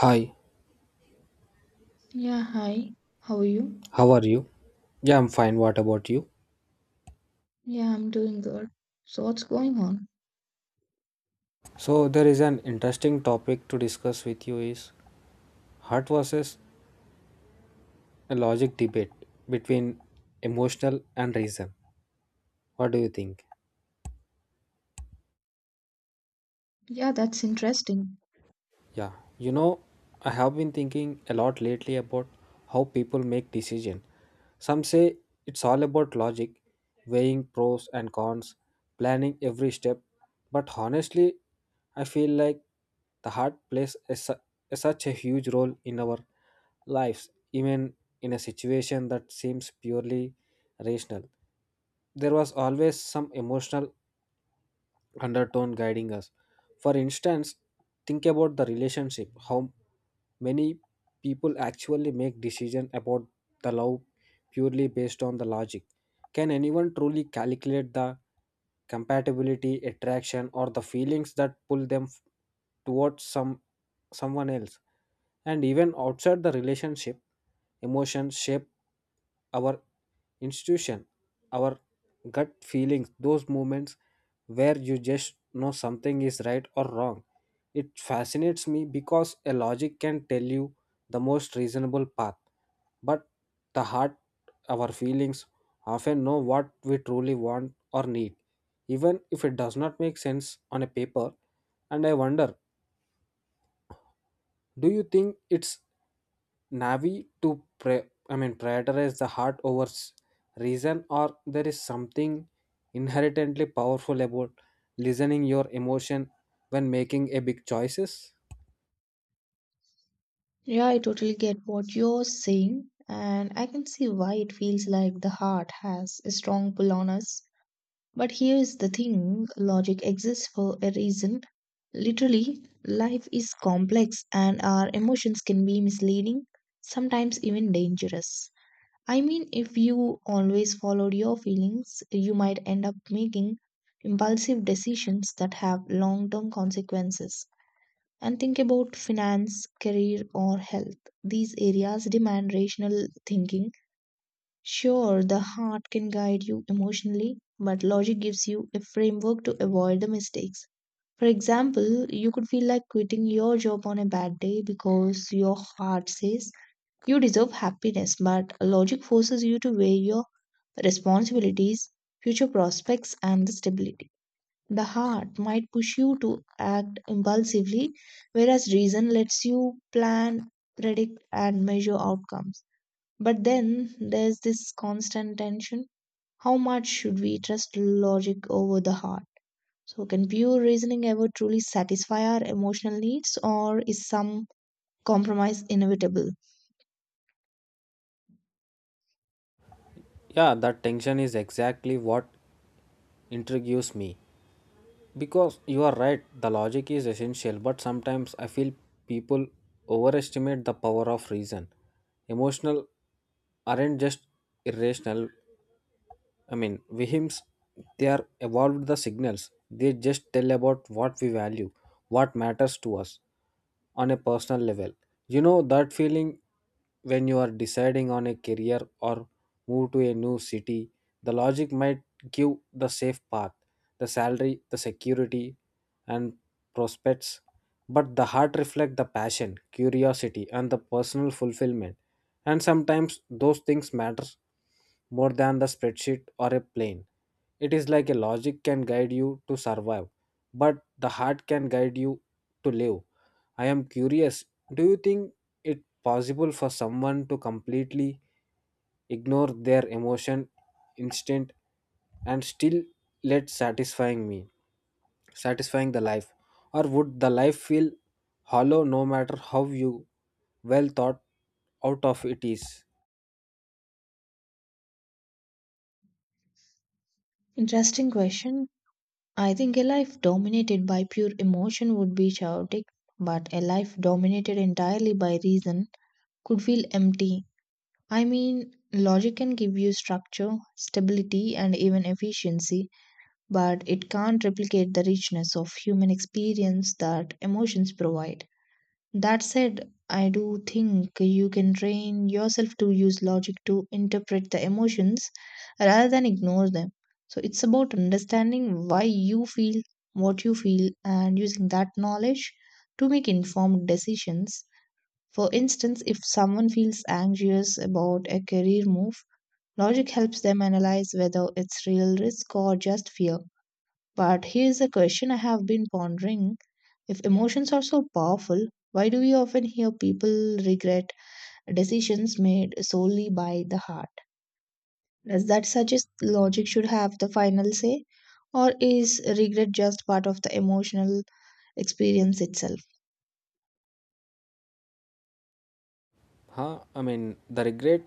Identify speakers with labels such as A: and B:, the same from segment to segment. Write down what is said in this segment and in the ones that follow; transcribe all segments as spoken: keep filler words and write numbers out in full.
A: Hi,
B: Yeah, hi. How are you?
A: how are you? Yeah, I'm fine. What about you?
B: Yeah, I'm doing good. So, what's going on?
A: So, there is an interesting topic to discuss with you is heart versus a logic debate between emotional and reason. What do you think?
B: Yeah, that's interesting.
A: Yeah, you know, I have been thinking a lot lately about how people make decisions. Some say it's all about logic, weighing pros and cons, planning every step. But honestly, I feel like the heart plays a, su- a such a huge role in our lives, even in a situation that seems purely rational. There was always some emotional undertone guiding us. For instance, think about the relationship, how many people actually make decision about the love purely based on the logic. Can anyone truly calculate the compatibility, attraction, or the feelings that pull them f- towards some someone else? And even outside the relationship, emotions shape our institution our gut feelings, those moments where you just know something is right or wrong. It fascinates me because a logic can tell you the most reasonable path, but the heart, our feelings, often know what we truly want or need, even if it does not make sense on a paper. And I wonder, do you think it's Navi to pre- I mean prioritize the heart over s- reason, or there is something inherently powerful about listening your emotion when making a big choices?
B: Yeah, I totally get what you're saying, and I can see why it feels like the heart has a strong pull on us. But here is the thing logic exists for a reason. Literally, life is complex, and our emotions can be misleading, sometimes even dangerous. I mean, if you always followed your feelings, you might end up making impulsive decisions that have long term consequences. And think about finance, career, or health. These areas demand rational thinking. Sure, the heart can guide you emotionally, but logic gives you a framework to avoid the mistakes. For example, you could feel like quitting your job on a bad day because your heart says you deserve happiness, but logic forces you to weigh your responsibilities, future prospects, and the stability. The heart might push you to act impulsively, whereas reason lets you plan, predict, and measure outcomes. But then there's this constant tension. How much should we trust logic over the heart? So, can pure reasoning ever truly satisfy our emotional needs, or is some compromise inevitable?
A: Yeah, that tension is exactly what intrigues me, because you are right. The logic is essential, but sometimes I feel people overestimate the power of reason. Emotional aren't just irrational; I mean, Vihims, they are evolved the signals. They just tell about what we value, what matters to us on a personal level. You know that feeling when you are deciding on a career or move to a new city, the logic might give the safe path, the salary, the security, and prospects, but the heart reflects the passion, curiosity, and the personal fulfillment. And sometimes those things matter more than the spreadsheet or a plane. It is like a logic can guide you to survive, but the heart can guide you to live. I am curious, do you think it possible for someone to completely ignore their emotion instinct, and still let satisfying me satisfying the life, or would the life feel hollow no matter how you well thought out of it is?
B: Interesting question. I think a life dominated by pure emotion would be chaotic, but a life dominated entirely by reason could feel empty. I mean, logic can give you structure, stability, and even efficiency, but it can't replicate the richness of human experience that emotions provide. That said, I do think you can train yourself to use logic to interpret the emotions rather than ignore them. So it's about understanding why you feel what you feel and using that knowledge to make informed decisions. For instance, if someone feels anxious about a career move, logic helps them analyze whether it's real risk or just fear. But here's a question I have been pondering. If emotions are so powerful, why do we often hear people regret decisions made solely by the heart? Does that suggest logic should have the final say? Or is regret just part of the emotional experience itself?
A: Huh? I mean, the regret,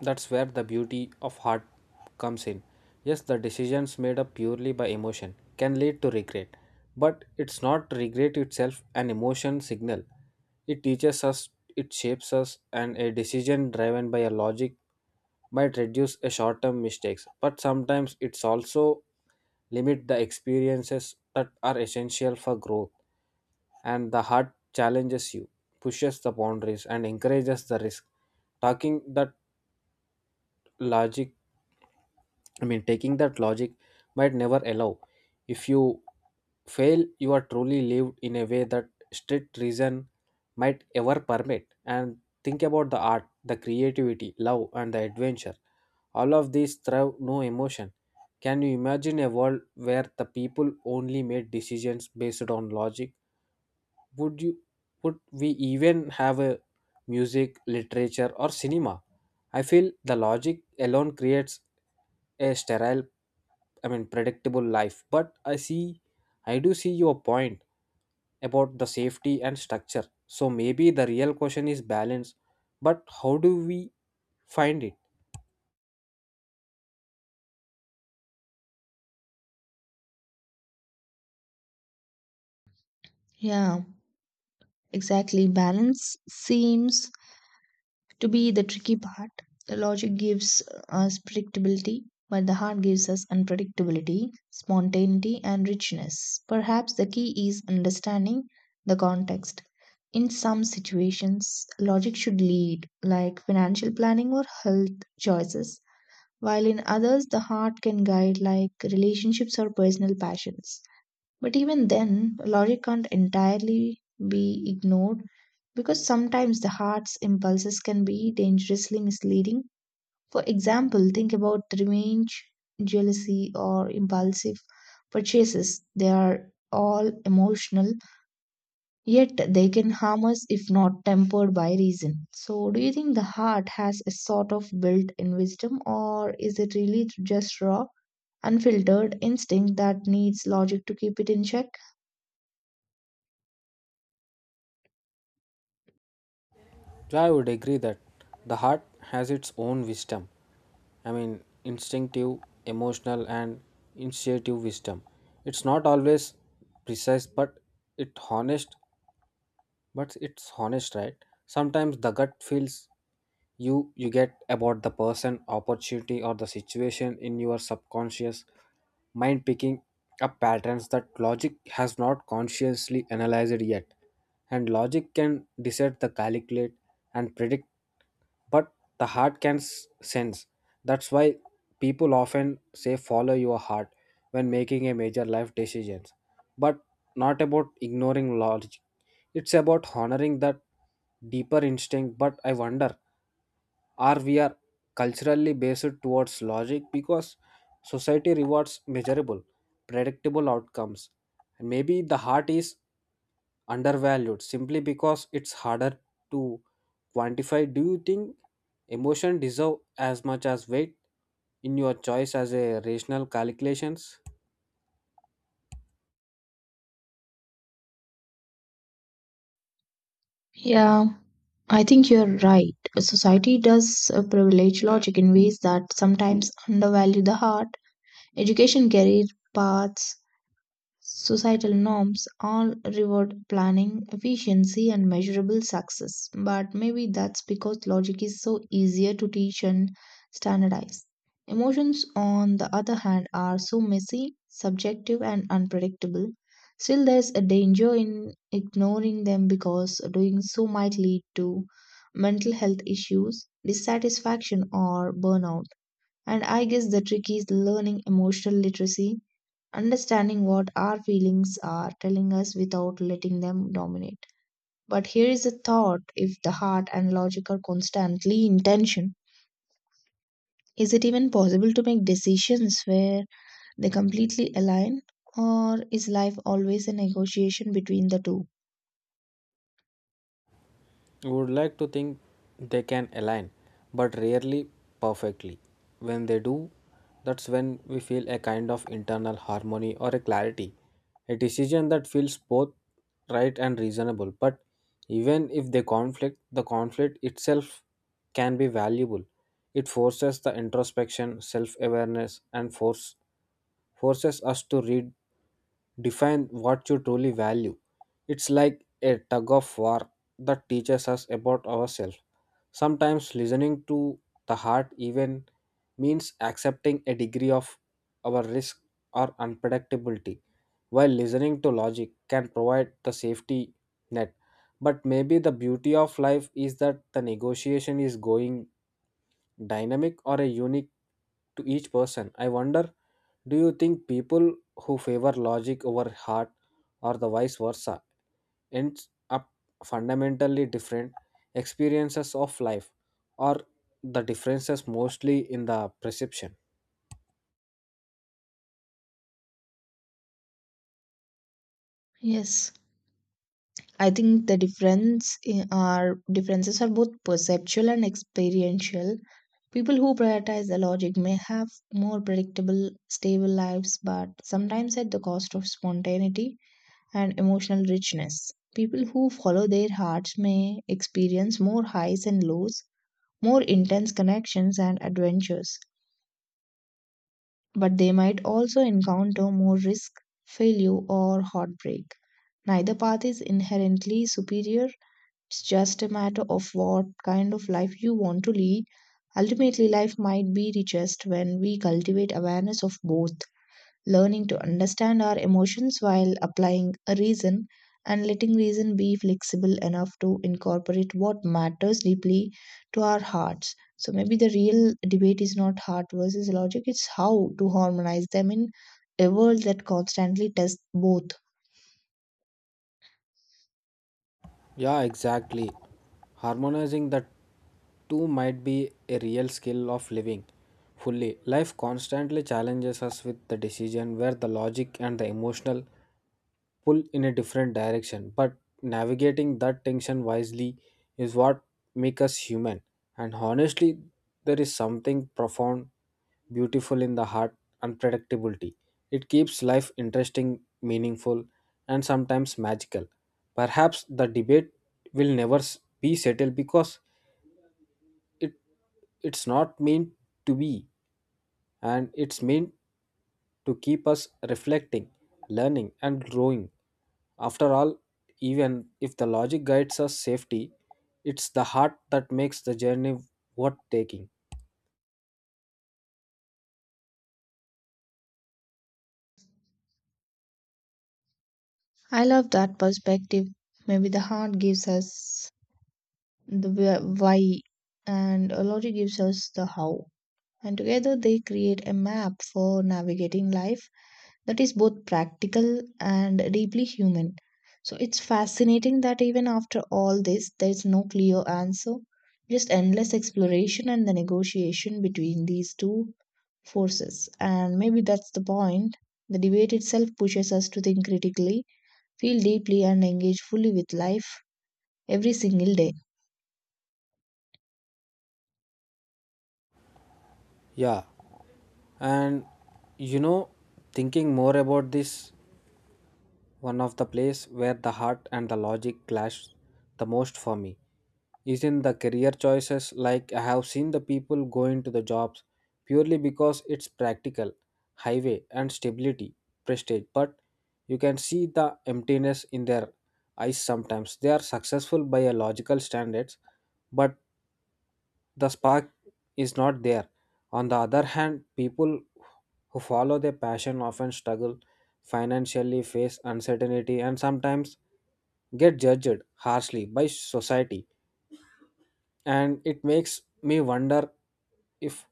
A: that's where the beauty of heart comes in. Yes, the decisions made up purely by emotion can lead to regret, but it's not regret itself an emotion signal. It teaches us, it shapes us, and a decision driven by a logic might reduce a short term mistakes, but sometimes it's also limit the experiences that are essential for growth. And the heart challenges you, pushes the boundaries, and encourages the risk. Talking that logic, I mean, taking that logic might never allow. If you fail, you are truly lived in a way that strict reason might ever permit. And think about the art, the creativity, love, and the adventure. All of these thrive no emotion. Can you imagine a world where the people only made decisions based on logic? would you would we even have a music, literature or cinema? I feel the logic alone creates a sterile I mean predictable life, but i see i do see your point about the safety and structure. So maybe the real question is balance, but how do we find it?
B: Yeah, exactly. Balance seems to be the tricky part. The logic gives us predictability, but the heart gives us unpredictability, spontaneity, and richness. Perhaps the key is understanding the context. In some situations, logic should lead, like financial planning or health choices, while in others, the heart can guide, like relationships or personal passions. But even then, logic can't entirely be ignored because sometimes the heart's impulses can be dangerously misleading. For example, think about revenge, jealousy, or impulsive purchases. They are all emotional, yet they can harm us if not tempered by reason. So, do you think the heart has a sort of built in wisdom, or is it really just raw, unfiltered instinct that needs logic to keep it in check?
A: Yeah, I would agree that the heart has its own wisdom. I mean, instinctive, emotional, and initiative wisdom. It's not always precise, but it's honest but it's honest, right? Sometimes the gut feels you you get about the person, opportunity, or the situation in your subconscious mind picking up patterns that logic has not consciously analyzed yet. And logic can decide the calculate and predict, but the heart can s- sense. That's why people often say follow your heart when making a major life decisions, but not about ignoring logic. It's about honoring that deeper instinct. But I wonder, are we are culturally based towards logic because society rewards measurable, predictable outcomes, and maybe the heart is undervalued simply because it's harder to quantify. Do you think emotion deserve as much as weight in your choice as a rational calculations?
B: Yeah, I think you're right. Society does uh, privilege logic in ways that sometimes undervalue the heart. Education, career paths, Societal norms all reward planning, efficiency, and measurable success. But maybe that's because logic is so easier to teach and standardize. Emotions, on the other hand, are so messy, subjective, and unpredictable. Still, there's a danger in ignoring them because doing so might lead to mental health issues, dissatisfaction, or burnout. And I guess the trick is learning emotional literacy understanding what our feelings are telling us without letting them dominate. But here is a thought if the heart and logic are constantly in tension, is it even possible to make decisions where they completely align? Or is life always a negotiation between the two?
A: Would like to think they can align, but rarely perfectly. When they do, that's when we feel a kind of internal harmony or a clarity, a decision that feels both right and reasonable. But even if they conflict, the conflict itself can be valuable. It forces the introspection, self awareness, and force forces us to read define what you truly value. It's like a tug of war that teaches us about ourselves. Sometimes listening to the heart even means accepting a degree of our risk or unpredictability, while listening to logic can provide the safety net. But maybe the beauty of life is that the negotiation is going dynamic or a unique to each person. I wonder, do you think people who favor logic over heart or the vice versa ends up fundamentally different experiences of life, or the differences mostly in the perception?
B: Yes. I think the difference in our differences are both perceptual and experiential People who prioritize the logic may have more predictable, stable lives, but sometimes at the cost of spontaneity and emotional richness. People who follow their hearts may experience more highs and lows, more intense connections and adventures, but they might also encounter more risk, failure, or heartbreak. Neither path is inherently superior it's just a matter of what kind of life you want to lead. Ultimately, life might be richest when we cultivate awareness of both, learning to understand our emotions while applying a reason, and letting reason be flexible enough to incorporate what matters deeply to our hearts. So, maybe the real debate is not heart versus logic, it's how to harmonize them in a world that constantly tests both.
A: Yeah, exactly. Harmonizing the two might be a real skill of living fully. Life constantly challenges us with the decision where the logic and the emotional pull in a different direction, but navigating that tension wisely is what makes us human. And honestly, there is something profound beautiful in the heart unpredictability. It keeps life interesting, meaningful, and sometimes magical. Perhaps the debate will never s- be settled because it it's not meant to be, and it's meant to keep us reflecting, learning, and growing. After all, even if the logic guides us safety, it's the heart that makes the journey worth taking.
B: I love that perspective. Maybe the heart gives us the where- why, and Lottie gives us the how. And together they create a map for navigating life that is both practical and deeply human. So it's fascinating that even after all this, there's no clear answer, just endless exploration and the negotiation between these two forces. And maybe that's the point. The debate itself pushes us to think critically, feel deeply, and engage fully with life every single day.
A: Yeah, and you know, thinking more about this, one of the place where the heart and the logic clash the most for me is in the career choices. Like I have seen the people go into the jobs purely because it's practical, highway and stability, prestige. But you can see the emptiness in their eyes sometimes. They are successful by a logical standards, but the spark is not there. On the other hand, people who follow their passion often struggle financially, face uncertainty, and sometimes get judged harshly by society. And it makes me wonder if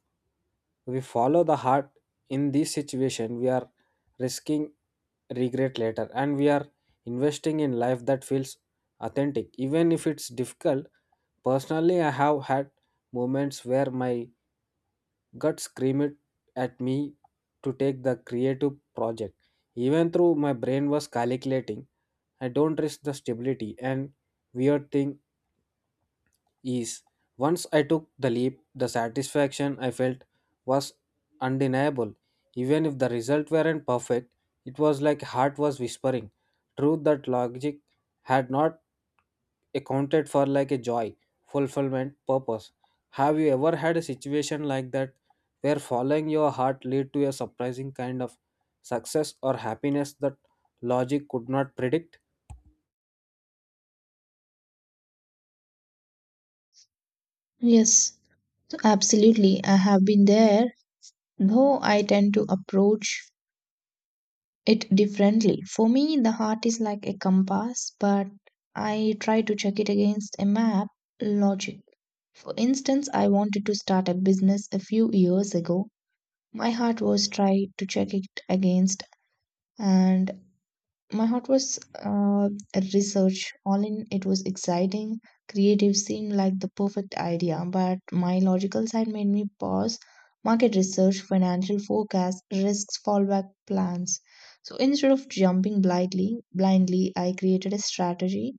A: we follow the heart in this situation, we are risking regret later and we are investing in life that feels authentic, even if it's difficult. Personally, I have had moments where my God screamed at me to take the creative project. Even though my brain was calculating, I don't risk the stability and weird thing ease. Once I took the leap, the satisfaction I felt was undeniable. Even if the result weren't perfect, it was like heart was whispering. Truth that logic had not accounted for, like a joy, fulfillment, purpose. Have you ever had a situation like that where following your heart lead to a surprising kind of success or happiness that logic could not predict?
B: Yes, absolutely. I have been there, though I tend to approach it differently. For me, the heart is like a compass, but I try to check it against a map logic. For instance, I wanted to start a business a few years ago. My heart was trying to check it against and My heart was uh, a research. All in it was exciting, creative, seemed like the perfect idea. But my logical side made me pause market research, financial forecast, risks, fallback plans. So instead of jumping blindly, blindly, I created a strategy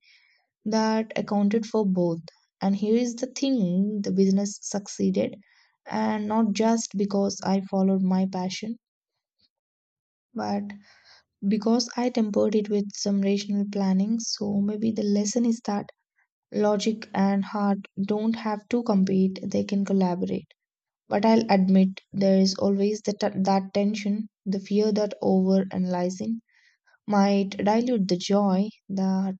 B: that accounted for both. And here is the thing: the business succeeded, and not just because I followed my passion, but because I tempered it with some rational planning. So maybe the lesson is that logic and heart don't have to compete, they can collaborate. But I'll admit there is always the t- that tension, the fear that over analyzing might dilute the joy that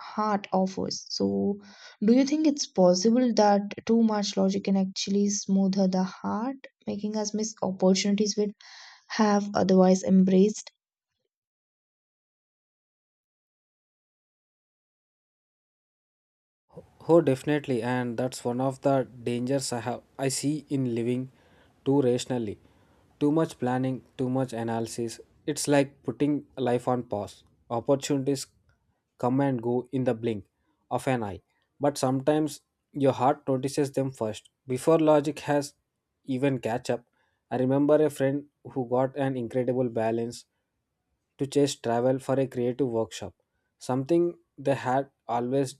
B: heart offers. So, do you think it's possible that too much logic can actually smoother the heart, making us miss opportunities we have otherwise embraced?
A: Oh, definitely, and that's one of the dangers I have I see in living too rationally. Too much planning, too much analysis. It's like putting life on pause. Opportunities come and go in the blink of an eye, but sometimes your heart notices them first before logic has even catch up. I remember a friend who got an incredible balance to chase travel for a creative workshop, something they had always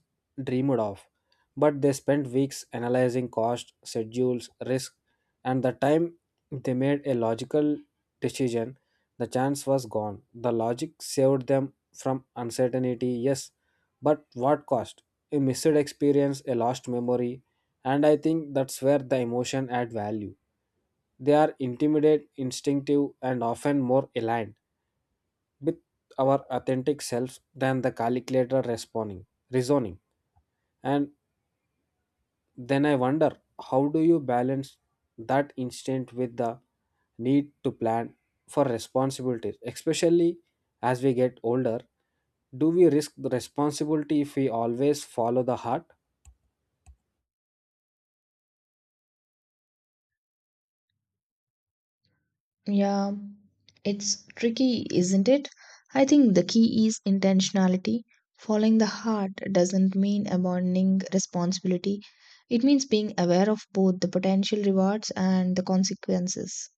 A: dreamed of, but they spent weeks analyzing cost, schedules, risk, and the time they made a logical decision, the chance was gone. The logic saved them from uncertainty, yes, but what cost? A missed experience, a lost memory, and I think that's where the emotion add value. They are intimidate, instinctive, and often more aligned with our authentic selves than the calculator responding, reasoning. And then I wonder, how do you balance that instinct with the need to plan for responsibilities, especially as we get older? Do we risk the responsibility if we always follow the heart?
B: Yeah, it's tricky, isn't it? I think the key is intentionality. Following the heart doesn't mean abandoning responsibility, it means being aware of both the potential rewards and the consequences.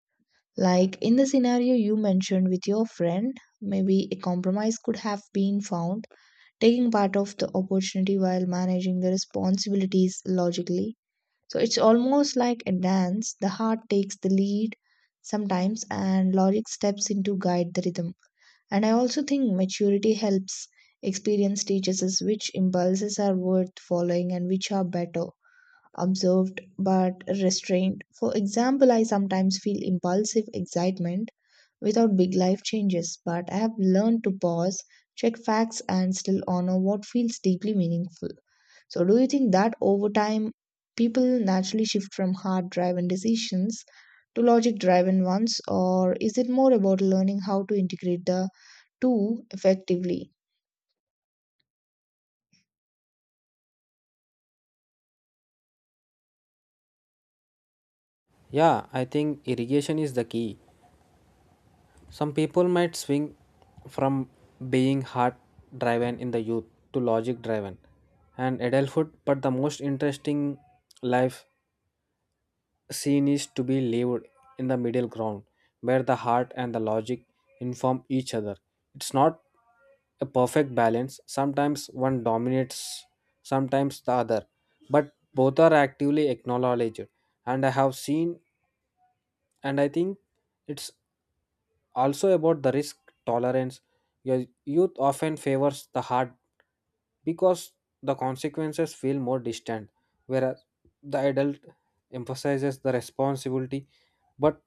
B: Like in the scenario you mentioned with your friend, maybe a compromise could have been found, taking part of the opportunity while managing the responsibilities logically. So it's almost like a dance. The heart takes the lead sometimes, and logic steps in to guide the rhythm. And I also think maturity helps. Experience teaches us which impulses are worth following and which are better observed but restrained. For example, I sometimes feel impulsive excitement without big life changes, but I have learned to pause, check facts, and still honor what feels deeply meaningful. So, do you think that over time people naturally shift from hard driven decisions to logic driven ones, or is it more about learning how to integrate the two effectively?
A: Yeah, I think irrigation is the key. Some people might swing from being heart driven in the youth to logic driven and adulthood, but the most interesting life she needs to be lived in the middle ground where the heart and the logic inform each other. It's not a perfect balance. Sometimes one dominates, sometimes the other, but both are actively acknowledged. And I have seen, and I think it's also, about the risk tolerance, your youth often favors the hard because the consequences feel more distant, whereas the adult emphasizes the responsibility. But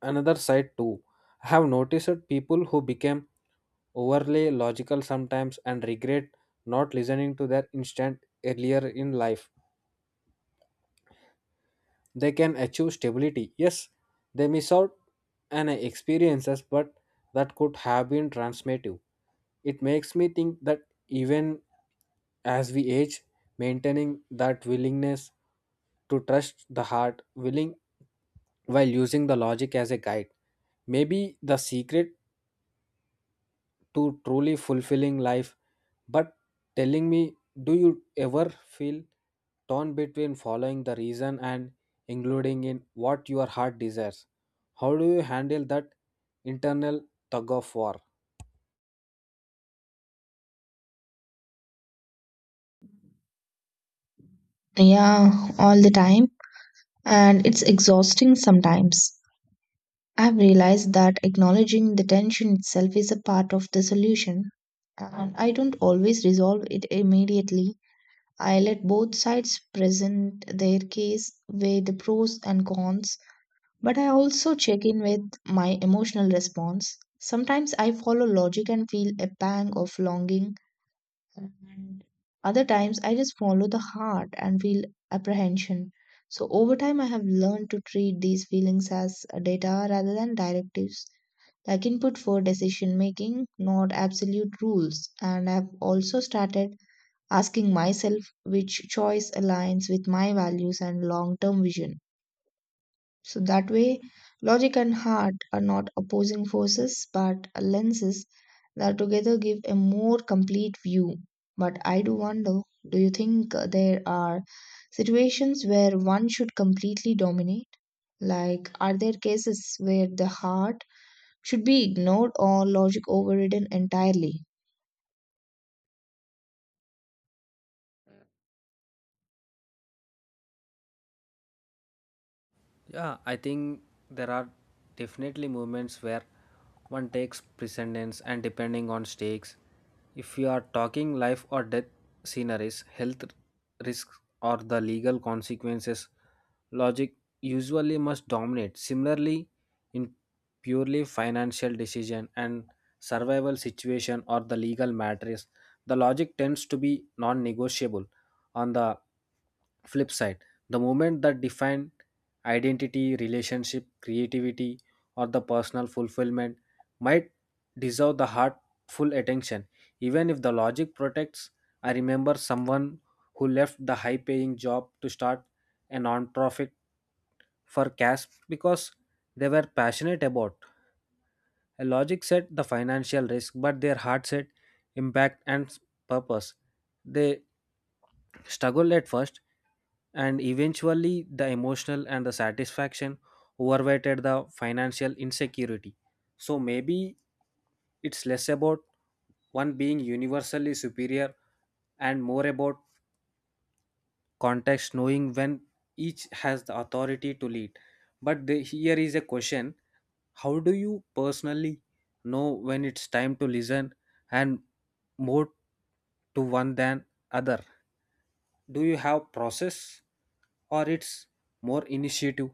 A: another side too, I have noticed that people who became overly logical sometimes and regret not listening to their instinct earlier in life. They can achieve stability. Yes, they miss out on experiences, but that could have been transformative. It makes me think that even as we age, maintaining that willingness to trust the heart willing while using the logic as a guide may be the secret to truly fulfilling life. But telling me, do you ever feel torn between following the reason and including in what your heart desires? How do you handle that internal tug of war?
B: Yeah, all the time, and it's exhausting sometimes. I've realized that acknowledging the tension itself is a part of the solution, and I don't always resolve it immediately. I let both sides present their case, weigh the pros and cons, But I also check in with my emotional response. Sometimes I follow logic and feel a pang of longing, and other times I just follow the heart and feel apprehension. So, over time, I have learned to treat these feelings as data rather than directives, like input for decision making, not absolute rules. And I've also started asking myself which choice aligns with my values and long term vision. So that way, logic and heart are not opposing forces but lenses that together give a more complete view. But I do wonder do you think uh, there are situations where one should completely dominate? Like, are there cases where the heart should be ignored or logic overridden entirely?
A: Yeah, I think there are definitely moments where one takes precedence and depending on stakes. If you are talking life or death scenarios, health risks, or the legal consequences, logic usually must dominate. Similarly, in purely financial decision and survival situation or the legal matters, the logic tends to be non-negotiable. On the flip side, the moment that define identity, relationship, creativity, or the personal fulfillment might deserve the heartful attention. Even if the logic protects, I remember someone who left the high paying job to start a non profit for cash because they were passionate about a logic said the financial risk, but their heart said impact and s- purpose. They struggled at first, and eventually the emotional and the satisfaction overweighted the financial insecurity. So maybe it's less about one being universally superior and more about context, knowing when each has the authority to lead. But the, here is a question, how do you personally know when it's time to listen and more to one than other? Do you have process, or it's more initiative?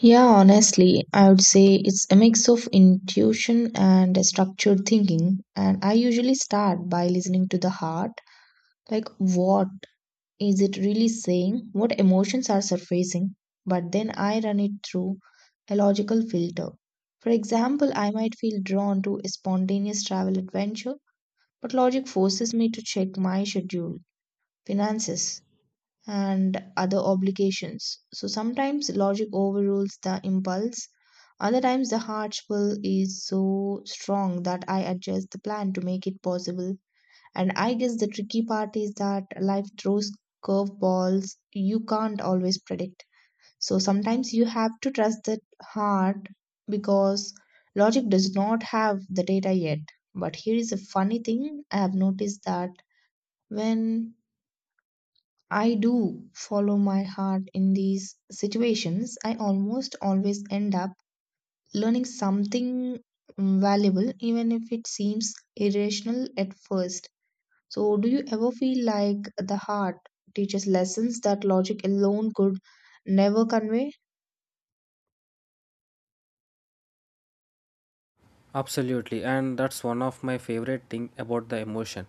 B: Yeah, honestly, I would say it's a mix of intuition and structured thinking. And I usually start by listening to the heart like what is it really saying, what emotions are surfacing, but then I run it through a logical filter. For example, I might feel drawn to a spontaneous travel adventure, but logic forces me to check my schedule, finances, and other obligations. So sometimes logic overrules the impulse. Other times, the heart pull is so strong that I adjust the plan to make it possible and I guess the tricky part is that life throws curveballs you can't always predict. So sometimes you have to trust that heart because logic does not have the data yet. But here is a funny thing I have noticed that when I do follow my heart in these situations, I almost always end up learning something valuable, even if it seems irrational at first. So, do you ever feel like the heart teaches lessons that logic alone could never convey?
A: Absolutely, and that's one of my favorite thing about the emotion.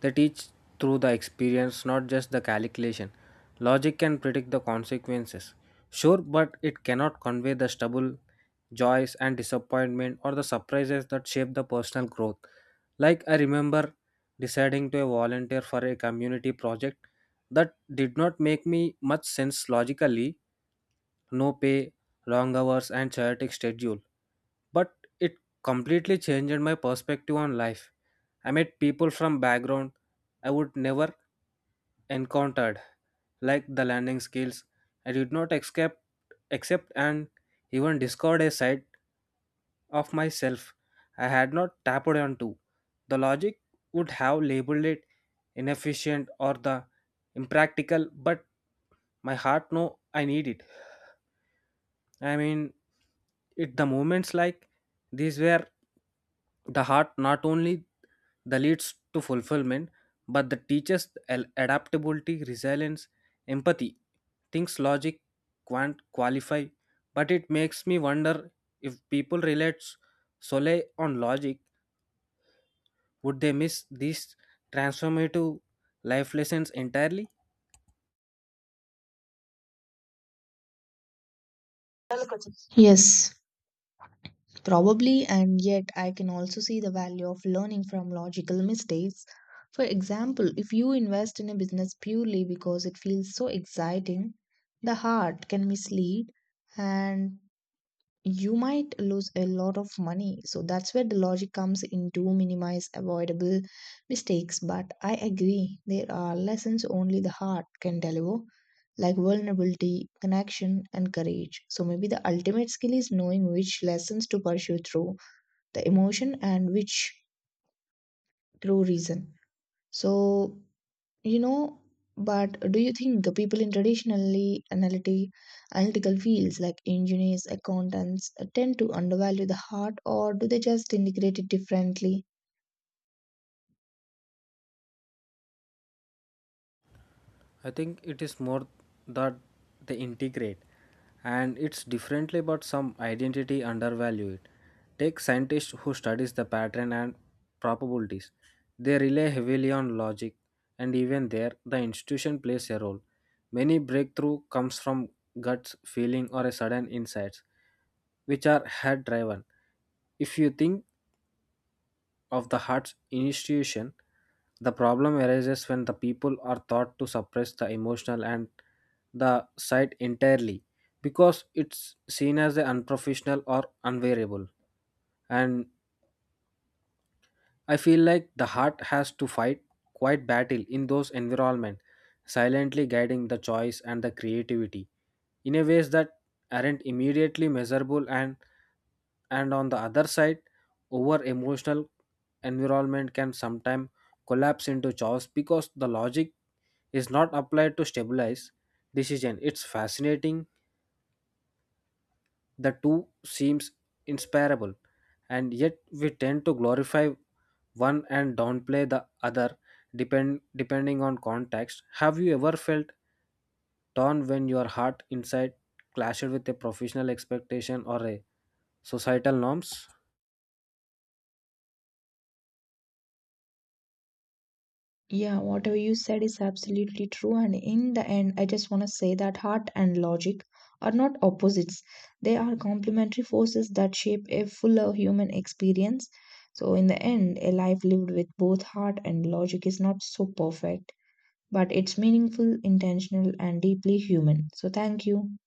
A: They teach through the experience, not just the calculation. Logic can predict the consequences, sure, but it cannot convey the stubble, joys, and disappointment or the surprises that shape the personal growth. Like, I remember deciding to volunteer for a community project that did not make me much sense logically. No pay, long hours, and chaotic schedule, but it completely changed my perspective on life. I met people from background I would never encountered, like the landing skills. I did not escape, accept, and even discovered a side of myself I had not tapped onto. The logic would have labeled it inefficient or the impractical, but my heart knew I needed it. I mean, it the moments like these where the heart not only the leads to fulfillment but the teaches al- adaptability, resilience, empathy, things logic can't qualify. But it makes me wonder, if people relate solely on logic, would they miss these transformative life lessons entirely?
B: Yes, probably, and yet I can also see the value of learning from logical mistakes. For example, if you invest in a business purely because it feels so exciting, the heart can mislead and you might lose a lot of money. So that's where the logic comes in to minimize avoidable mistakes. But I agree, there are lessons only the heart can deliver, like vulnerability, connection, and courage. So maybe the ultimate skill is knowing which lessons to pursue through the emotion and which through reason. So you know, but do you think the people in traditionally analytic, analytical fields like engineers, accountants uh, tend to undervalue the heart or do they just integrate it differently?
A: I think it is more that they integrate and it's differently, but some identity undervalue it. Take scientists who studies the pattern and probabilities. They rely heavily on logic, and even there the institution plays a role. Many breakthrough comes from guts feeling or a sudden insights, which are head driven. If you think of the heart's institution, the problem arises when the people are thought to suppress the emotional and the sight entirely because it's seen as a unprofessional or unwearable. And I feel like the heart has to fight quite battle in those environments, silently guiding the choice and the creativity in a ways that aren't immediately measurable. And and on the other side, over emotional environment can sometimes collapse into chaos because the logic is not applied to stabilize decision. It's fascinating, the two seems inseparable, and yet we tend to glorify one and downplay the other, depend depending on context. Have you ever felt torn when your heart inside clashed with a professional expectation or a societal norms?
B: Yeah, whatever you said is absolutely true. And in the end, I just want to say that heart and logic are not opposites, they are complementary forces that shape a fuller human experience. So, in the end, a life lived with both heart and logic is not so perfect. But it's meaningful, intentional, and deeply human. So, thank you.